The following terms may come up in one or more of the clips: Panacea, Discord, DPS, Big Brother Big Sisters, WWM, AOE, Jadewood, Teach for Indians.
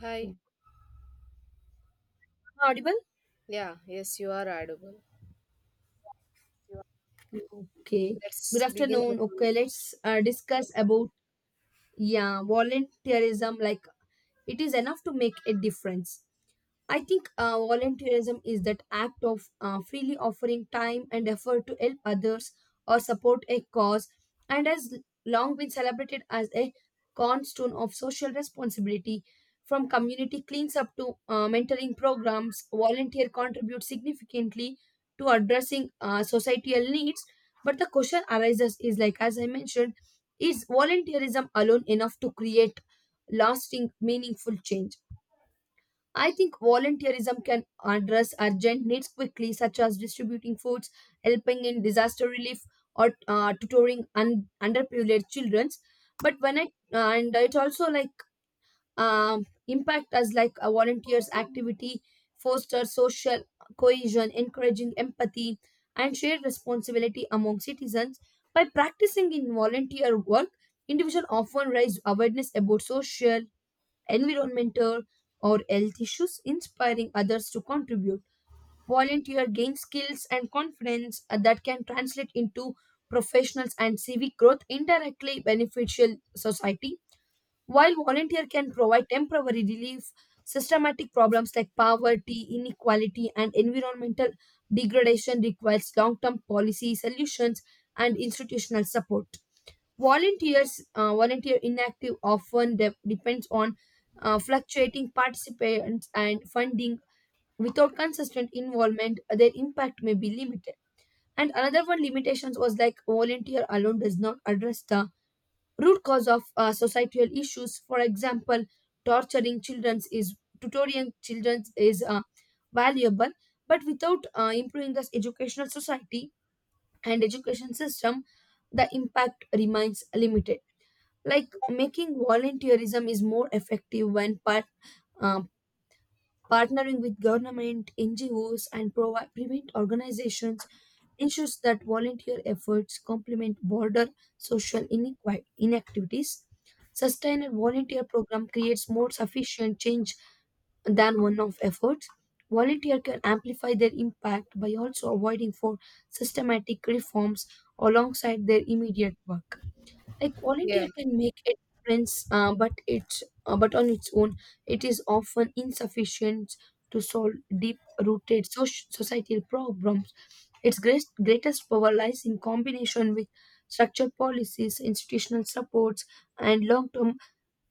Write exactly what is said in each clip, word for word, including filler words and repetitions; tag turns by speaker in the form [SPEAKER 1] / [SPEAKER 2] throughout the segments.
[SPEAKER 1] Hi.
[SPEAKER 2] Oh, am I audible?
[SPEAKER 1] Yeah, yes, you are audible.
[SPEAKER 2] Okay. Good
[SPEAKER 1] Let's begin our
[SPEAKER 2] afternoon. Okay,
[SPEAKER 1] conversation.
[SPEAKER 2] let's uh, discuss about yeah volunteerism. Like it is enough to make a difference. I think uh, volunteerism is that act of uh, freely offering time and effort to help others or support a cause, and has long been celebrated as a cornerstone of social responsibility. From community cleans up to uh, mentoring programs, volunteer contribute significantly to addressing uh, societal needs. But the question arises is like, as I mentioned, is volunteerism alone enough to create lasting, meaningful change? I think volunteerism can address urgent needs quickly, such as distributing foods, helping in disaster relief, or uh, tutoring un- underprivileged children. But when I uh, and it also like um, impact as like a volunteer's activity foster social cohesion, encouraging empathy and shared responsibility among citizens. By practicing in volunteer work, individuals often raise awareness about social environmental or health issues, inspiring others to contribute. Volunteer gain skills and confidence uh, that can translate into professionals and civic growth indirectly beneficial society. While volunteer can provide temporary relief, systematic problems like poverty, inequality, and environmental degradation requires long-term policy solutions and institutional support. Volunteers, uh, volunteer inactive often de- depends on uh, fluctuating participants and funding. Without consistent involvement, their impact may be limited. And another one limitations was like volunteer alone does not address the root cause of uh, societal issues. For example, torturing children is tutoring children is uh, valuable, but without uh, improving the educational society and education system, the impact remains limited, like making volunteerism is more effective when part, um, partnering with government ngos and provide private organizations ensures that volunteer efforts complement border social inequi- inactivities. Sustained volunteer program creates more sufficient change than one-off efforts. Volunteer can amplify their impact by also avoiding for systematic reforms alongside their immediate work. Like
[SPEAKER 1] Yeah.
[SPEAKER 2] volunteer can make a difference, uh, but it's uh, but on its own it is often insufficient to solve deep rooted soc- societal problems. Its greatest greatest power lies in combination with structured policies, institutional supports, and long term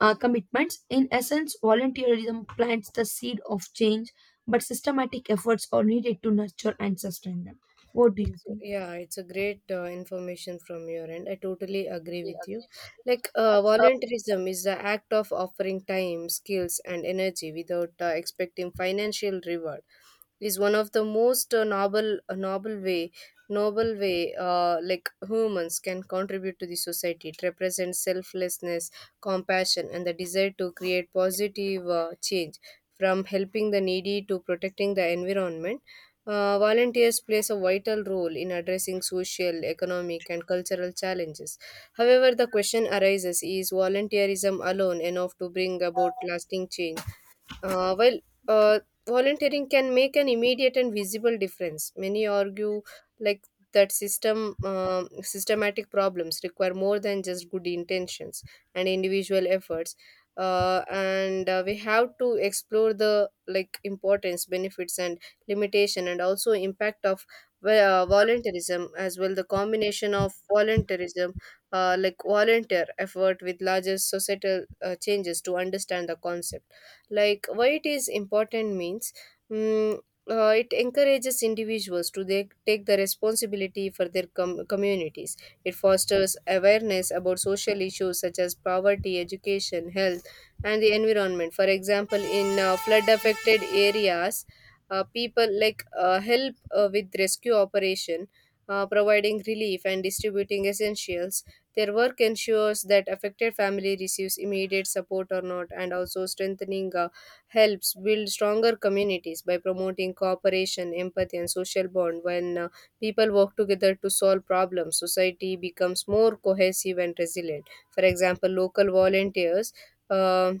[SPEAKER 2] uh, commitments. In essence, volunteerism plants the seed of change, but systematic efforts are needed to nurture and sustain them. What do you
[SPEAKER 1] It's,
[SPEAKER 2] think?
[SPEAKER 1] yeah, it's a great uh, information from your end. I totally agree with you. Like, uh,
[SPEAKER 2] Uh,
[SPEAKER 1] volunteerism is the act of offering time, skills, and energy without uh, expecting financial reward. Is one of the most uh, noble, uh, noble way, noble way, uh, like humans can contribute to the society. It represents selflessness, compassion, and the desire to create positive uh, change, from helping the needy to protecting the environment uh, volunteers plays a vital role in addressing social, economic, and cultural challenges. However, the question arises is volunteerism alone enough to bring about lasting change? Uh, well, uh, volunteering can make an immediate and visible difference. Many argue like that system um systematic problems require more than just good intentions and individual efforts. Uh, and uh, we have to explore the like importance, benefits, and limitation, and also impact of well, uh, volunteerism as well. The combination of volunteerism, uh, like volunteer effort, with larger societal uh, changes to understand the concept like why it is important means mm, uh, it encourages individuals to they take the responsibility for their com- communities. It fosters awareness about social issues such as poverty, education, health, and the environment. For example, in uh, flood affected areas, uh, people like uh, help uh, with rescue operation, uh, providing relief and distributing essentials. Their work ensures that affected family receives immediate support or not, and also strengthening uh, helps build stronger communities by promoting cooperation, empathy, and social bond. When uh, People work together to solve problems, society becomes more cohesive and resilient. For example, local volunteers. um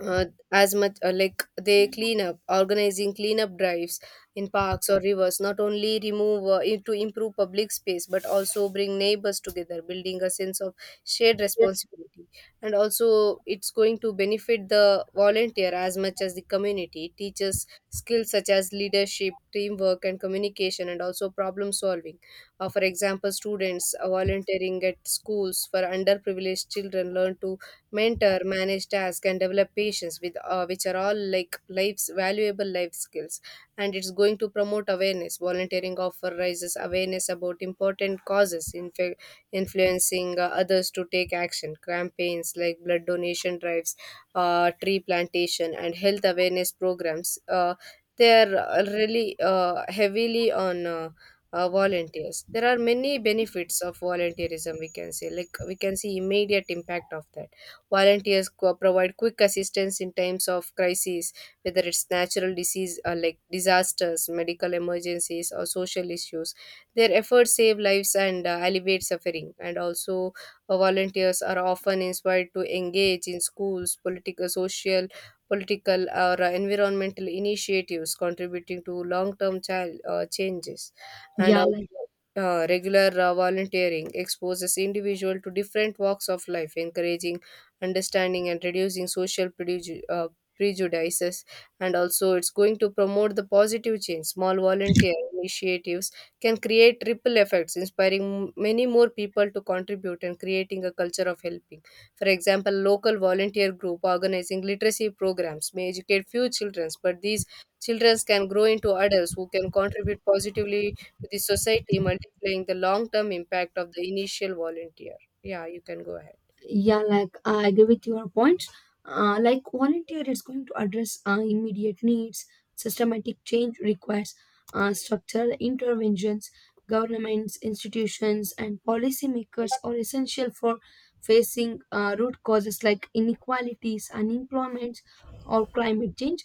[SPEAKER 1] uh, as much uh, like they clean up, organizing cleanup drives in parks or rivers, not only remove uh, i- to improve public space but also bring neighbors together, building a sense of shared responsibility. And also, it's going to benefit the volunteer as much as the community. It teaches skills such as leadership, teamwork, and communication, and also problem solving. Uh, for example, students uh, volunteering at schools for underprivileged children learn to mentor, manage tasks, and develop patience with uh, which are all like life's valuable life skills. And it's going to promote awareness. Volunteering offer raises awareness about important causes, inf- influencing uh, others to take action. Campaigns like blood donation drives, uh, tree plantation, and health awareness programs. Uh, they are uh, really uh, heavily on. Uh, uh, volunteers, there are many benefits of volunteerism, we can say, like we can see immediate impact of that. Volunteers co- provide quick assistance in times of crises, whether it's natural disease or like disasters, medical emergencies, or social issues. Their efforts save lives and uh, alleviate suffering. And also, uh, volunteers are often inspired to engage in schools, political, social, political, or uh, environmental initiatives, contributing to long-term child uh, changes. And
[SPEAKER 2] yeah
[SPEAKER 1] also,
[SPEAKER 2] like
[SPEAKER 1] uh, regular uh, volunteering exposes individual to different walks of life, encouraging understanding and reducing social preju- uh, prejudices. And also, it's going to promote the positive change. Small volunteer initiatives can create ripple effects, inspiring many more people to contribute and creating a culture of helping. For example, local volunteer group organizing literacy programs may educate few children, but these children can grow into adults who can contribute positively to the society, multiplying the long term impact of the initial volunteer. Yeah, you can go ahead.
[SPEAKER 2] yeah like I agree with your points. Uh, like volunteer is going to address uh, immediate needs. Systematic change requires uh, structural interventions. Governments, institutions, and policymakers are essential for facing uh, root causes like inequalities, unemployment, or climate change.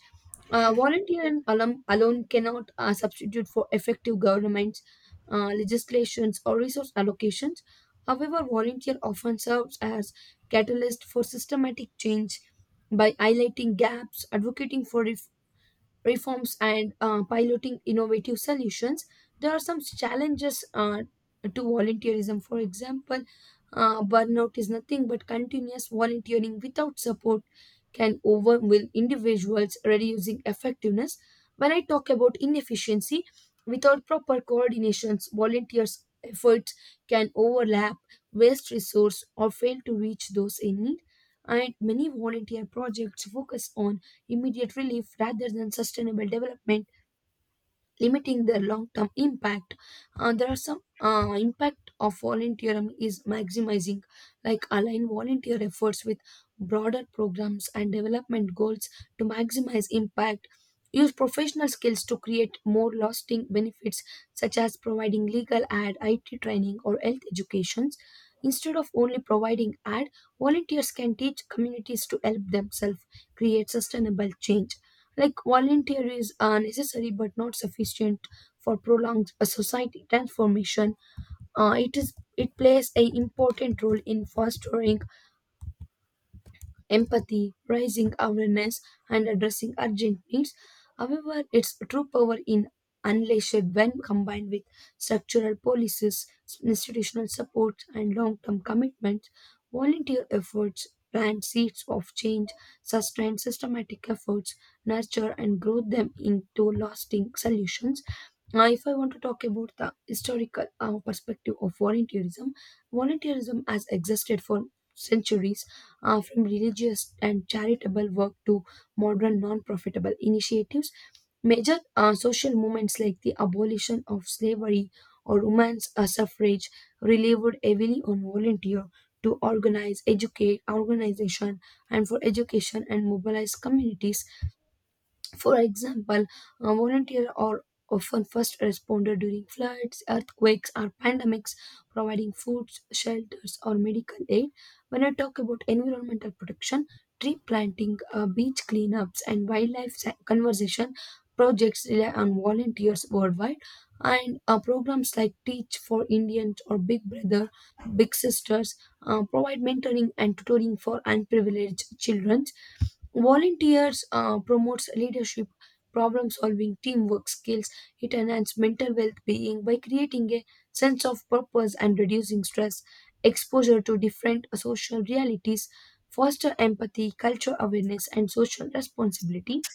[SPEAKER 2] uh, Volunteer and alum alone cannot uh, substitute for effective governments, uh, legislations, or resource allocations. However, volunteer often serves as catalyst for systematic change by highlighting gaps, advocating for ref- reforms, and uh, piloting innovative solutions. There are some challenges uh, to volunteerism. For example, uh, burnout is nothing but continuous volunteering without support can overwhelm individuals, reducing effectiveness. When I talk about inefficiency, without proper coordinations, volunteers' efforts can overlap, waste resource, or fail to reach those in need. And many volunteer projects focus on immediate relief rather than sustainable development, limiting their long-term impact. Uh, there are some uh, impact of volunteering is maximizing, like align volunteer efforts with broader programs and development goals to maximize impact. Use professional skills to create more lasting benefits, such as providing legal ad, I T training, or health educations. Instead of only providing ad, volunteers can teach communities to help themselves create sustainable change. Like volunteer is uh, necessary but not sufficient for prolonged uh, society transformation. Uh, it is it plays a important role in fostering empathy, raising awareness, and addressing urgent needs. However, its true power in unleashed when combined with structural policies, institutional support, and long-term commitments. Volunteer efforts plant seeds of change, sustain systematic efforts, nurture and grow them into lasting solutions. Now, if I want to talk about the historical uh, perspective of volunteerism, volunteerism has existed for centuries, uh, from religious and charitable work to modern non-profitable initiatives. Major uh, social movements like the abolition of slavery or women's uh, suffrage relied heavily on volunteer to organize, educate, organization, and for education and mobilize communities. For example, a volunteer are often first responder during floods, earthquakes, or pandemics, providing foods, shelters, or medical aid. When I talk about environmental protection, tree planting, uh, beach cleanups, and wildlife sa- conservation projects rely on volunteers worldwide. And uh, programs like Teach for Indians or Big Brother, Big Sisters uh, provide mentoring and tutoring for unprivileged children. Volunteers uh, promotes leadership, problem solving, teamwork skills. It enhances mental well-being by creating a sense of purpose and reducing stress. Exposure to different social realities foster empathy, culture awareness, and social responsibility.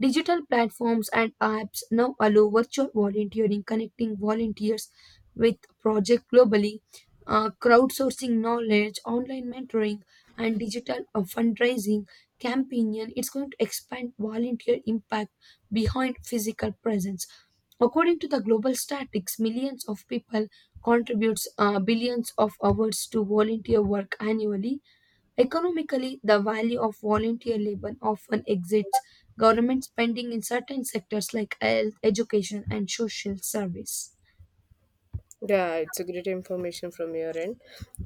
[SPEAKER 2] Digital platforms and apps now allow virtual volunteering, connecting volunteers with projects globally, uh, crowdsourcing knowledge, online mentoring, and digital uh, fundraising campaign. It's going to expand volunteer impact behind physical presence. According to the global statistics, millions of people contributes uh, billions of hours to volunteer work annually. Economically, the value of volunteer labor often exceeds government spending in certain sectors like health, education, and social service.
[SPEAKER 1] Yeah, it's a great information from your end.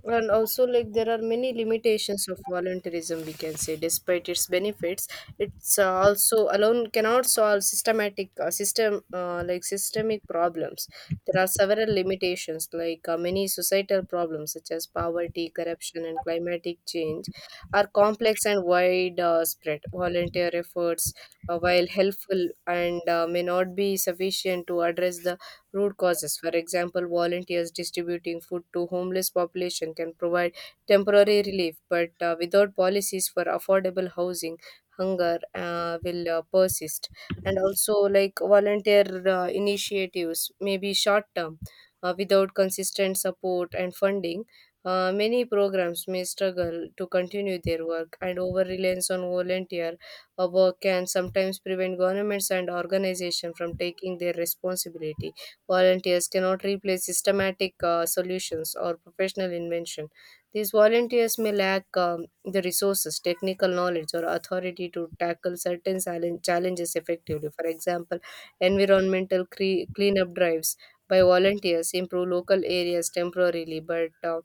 [SPEAKER 1] And also, like, there are many limitations of volunteerism, we can say, despite its benefits. It's uh, also alone cannot solve systematic, uh, system, uh, like, systemic problems. There are several limitations, like, uh, many societal problems, such as poverty, corruption, and climatic change, are complex and wide uh, spread. Volunteer efforts, uh, while helpful and uh, may not be sufficient to address the root causes. For example, volunteers distributing food to homeless population can provide temporary relief, but uh, without policies for affordable housing, hunger uh, will uh, persist. And also, like volunteer uh, initiatives may be short term. Uh, without consistent support and funding, uh, many programs may struggle to continue their work, and over reliance on volunteer uh, work can sometimes prevent governments and organizations from taking their responsibility. Volunteers cannot replace systematic uh, solutions or professional invention. These volunteers may lack um, the resources, technical knowledge, or authority to tackle certain challenge- challenges effectively. For example, environmental cre- cleanup drives by volunteers improve local areas temporarily, but uh,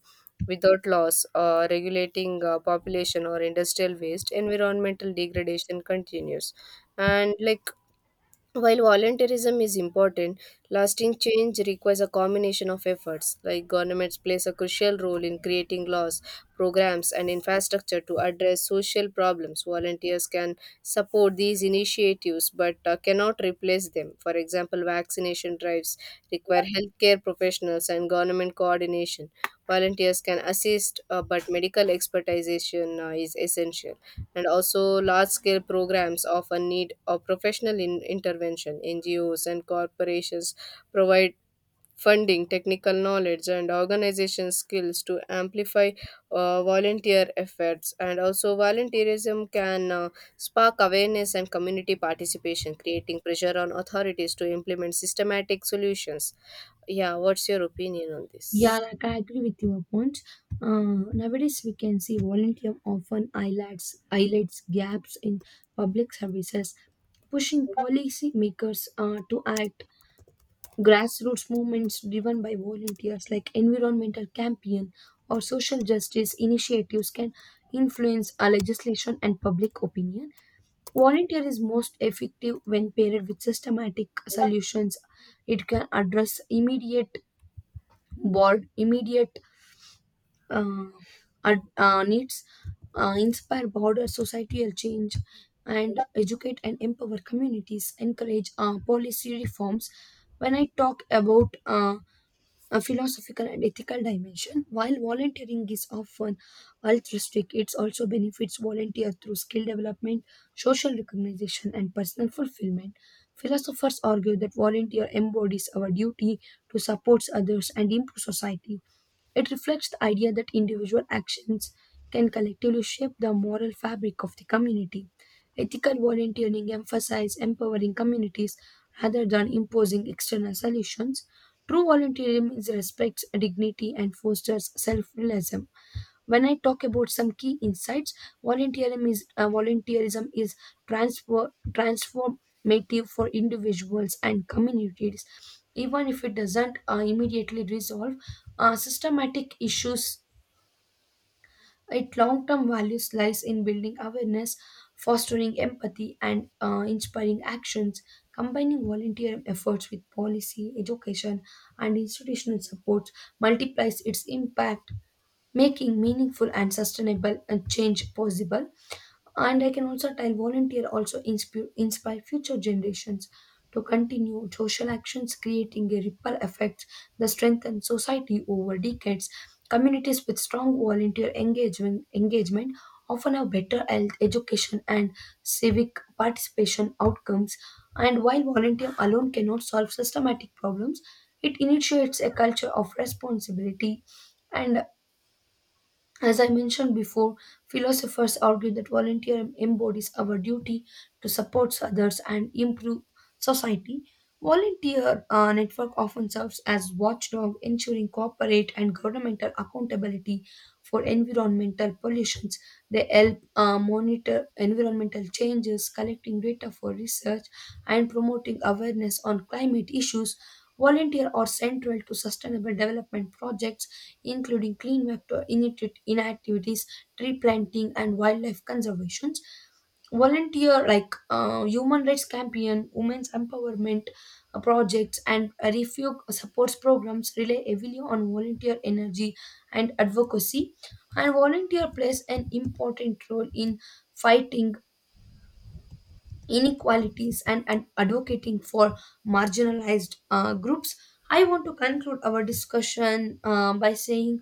[SPEAKER 1] without laws uh, regulating uh, population or industrial waste, environmental degradation continues. And like, while volunteerism is important, lasting change requires a combination of efforts. Like governments plays a crucial role in creating laws, programs, and infrastructure to address social problems. Volunteers can support these initiatives, but uh, cannot replace them. For example, vaccination drives require healthcare professionals and government coordination. Volunteers can assist, uh, but medical expertise uh, is essential. And also, large scale programs often need a professional in- intervention. NGOs and corporations provide funding, technical knowledge, and organization skills to amplify uh, volunteer efforts. And also, volunteerism can uh, spark awareness and community participation, creating pressure on authorities to implement systematic solutions. Yeah, what's your opinion on
[SPEAKER 2] Yeah,
[SPEAKER 1] this?
[SPEAKER 2] like I agree with your point. Uh, nowadays, we can see volunteer often highlights highlights gaps in public services, pushing policy makers uh, to act. Grassroots movements driven by volunteers, like environmental campaign or social justice initiatives, can influence our legislation and public opinion. Volunteer is most effective when paired with systematic solutions. It can address immediate board, immediate uh, ad- uh, needs, uh, inspire broader societal change, and educate and empower communities. Encourage uh, policy reforms. When I talk about uh, a philosophical and ethical dimension. While volunteering is often altruistic, it also benefits volunteers through skill development, social recognition, and personal fulfillment. Philosophers argue that volunteer embodies our duty to support others and improve society. It reflects the idea that individual actions can collectively shape the moral fabric of the community. Ethical volunteering emphasizes empowering communities rather than imposing external solutions. True volunteerism is respects dignity and fosters self-realism. When I talk about some key insights, volunteerism is uh, volunteerism is transfer, transformative for individuals and communities, even if it doesn't uh, immediately resolve uh, systematic issues. Its long-term values lies in building awareness, fostering empathy, and uh, inspiring actions. Combining volunteer efforts with policy, education, and institutional support multiplies its impact, making meaningful and sustainable uh, change possible. And I can also tell volunteer also inspire, inspire future generations to continue social actions, creating a ripple effect that strengthen society over decades. Communities with strong volunteer engagement engagement often have better health education and civic participation outcomes. And while volunteer alone cannot solve systematic problems, it initiates a culture of responsibility. And as I mentioned before, philosophers argue that volunteering embodies our duty to support others and improve society. Volunteer uh, network often serves as watchdog, ensuring corporate and governmental accountability for environmental pollutions. They help uh, monitor environmental changes, collecting data for research, and promoting awareness on climate issues. Volunteers are central to sustainable development projects, including clean vector inacti- inactivities, tree planting, and wildlife conservations. Volunteer like uh, human rights campaign, women's empowerment uh, projects, and uh, refuge supports programs rely heavily on volunteer energy and advocacy. And volunteer plays an important role in fighting inequalities and, and advocating for marginalized uh, groups. I want to conclude our discussion um, by saying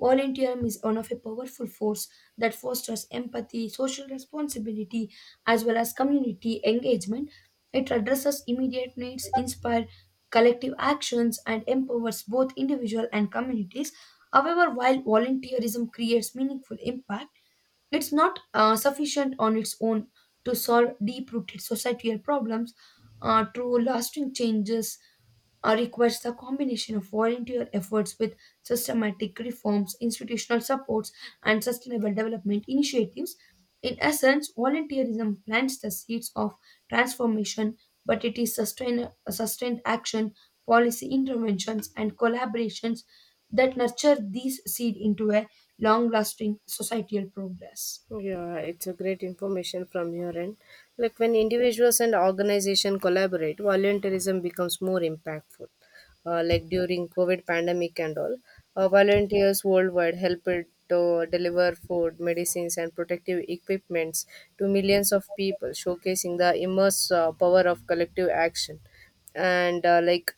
[SPEAKER 2] volunteerism is one of a powerful force that fosters empathy, social responsibility, as well as community engagement. It addresses immediate needs, inspires collective actions, and empowers both individual and communities. However, while volunteerism creates meaningful impact, it's not uh, sufficient on its own to solve deep rooted societal problems. Uh, true lasting changes uh, requires the combination of volunteer efforts with systematic reforms, institutional supports, and sustainable development initiatives. In essence, volunteerism plants the seeds of transformation, but it is sustain- sustained action, policy interventions, and collaborations that nurture these seed into a long lasting societal progress.
[SPEAKER 1] Yeah, it's a great information from your end. Like when individuals and organization collaborate, volunteerism becomes more impactful. Uh, like during COVID pandemic and all, uh, volunteers worldwide helped to deliver food, medicines, and protective equipments to millions of people, showcasing the immense uh, power of collective action. And uh, like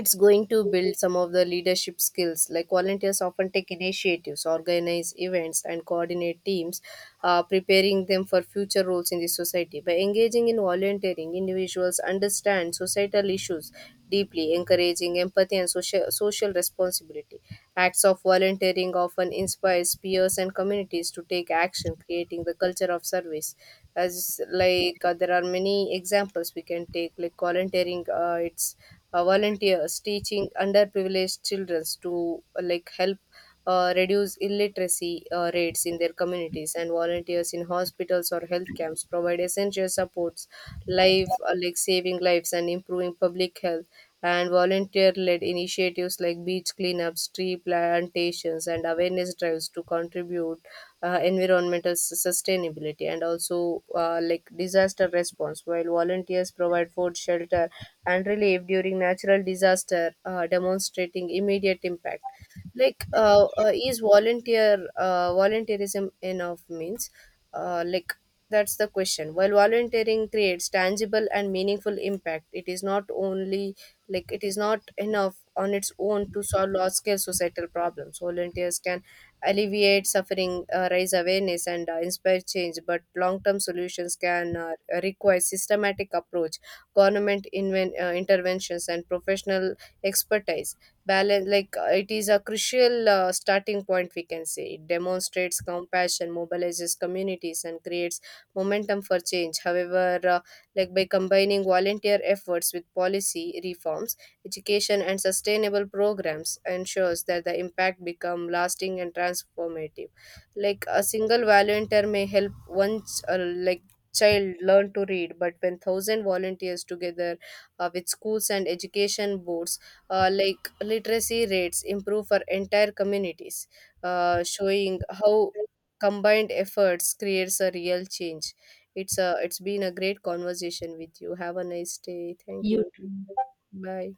[SPEAKER 1] it's going to build some of the leadership skills, like volunteers often take initiatives, organize events, and coordinate teams, uh, preparing them for future roles in the society. By engaging in volunteering, individuals understand societal issues deeply, encouraging empathy and social, social responsibility. Acts of volunteering often inspires peers and communities to take action, creating the culture of service. As like uh, there are many examples we can take, like volunteering uh, it's uh, volunteers teaching underprivileged children to uh, like help uh, reduce illiteracy uh, rates in their communities, and volunteers in hospitals or health camps provide essential supports, life uh, like saving lives and improving public health. And volunteer led initiatives like beach cleanups, tree plantations, and awareness drives to contribute uh, environmental s- sustainability. And also, uh, like disaster response, while volunteers provide food, shelter, and relief during natural disaster, uh, demonstrating immediate impact. Like uh, uh, is volunteer uh, volunteerism enough means, uh, like that's the question. While volunteering creates tangible and meaningful impact, it is not only like it is not enough on its own to solve large scale societal problems. Volunteers can alleviate suffering, uh, raise awareness, and uh, inspire change, but long term solutions can uh, require systematic approach, government inven- uh, interventions, and professional expertise balance. Like uh, it is a crucial uh, starting point, we can say. It demonstrates compassion, mobilizes communities, and creates momentum for change. However uh, like by combining volunteer efforts with policy reforms, education, and sustainable programs, ensures that the impact become lasting and transformative. Like a single volunteer may help one ch- uh, like child learn to read, but when thousand volunteers together uh, with schools and education boards, uh, like literacy rates improve for entire communities, uh, showing how combined efforts creates a real change. It's a, it's been a great conversation with you. Have a nice day. Thank
[SPEAKER 2] You
[SPEAKER 1] you.
[SPEAKER 2] too.
[SPEAKER 1] Bye.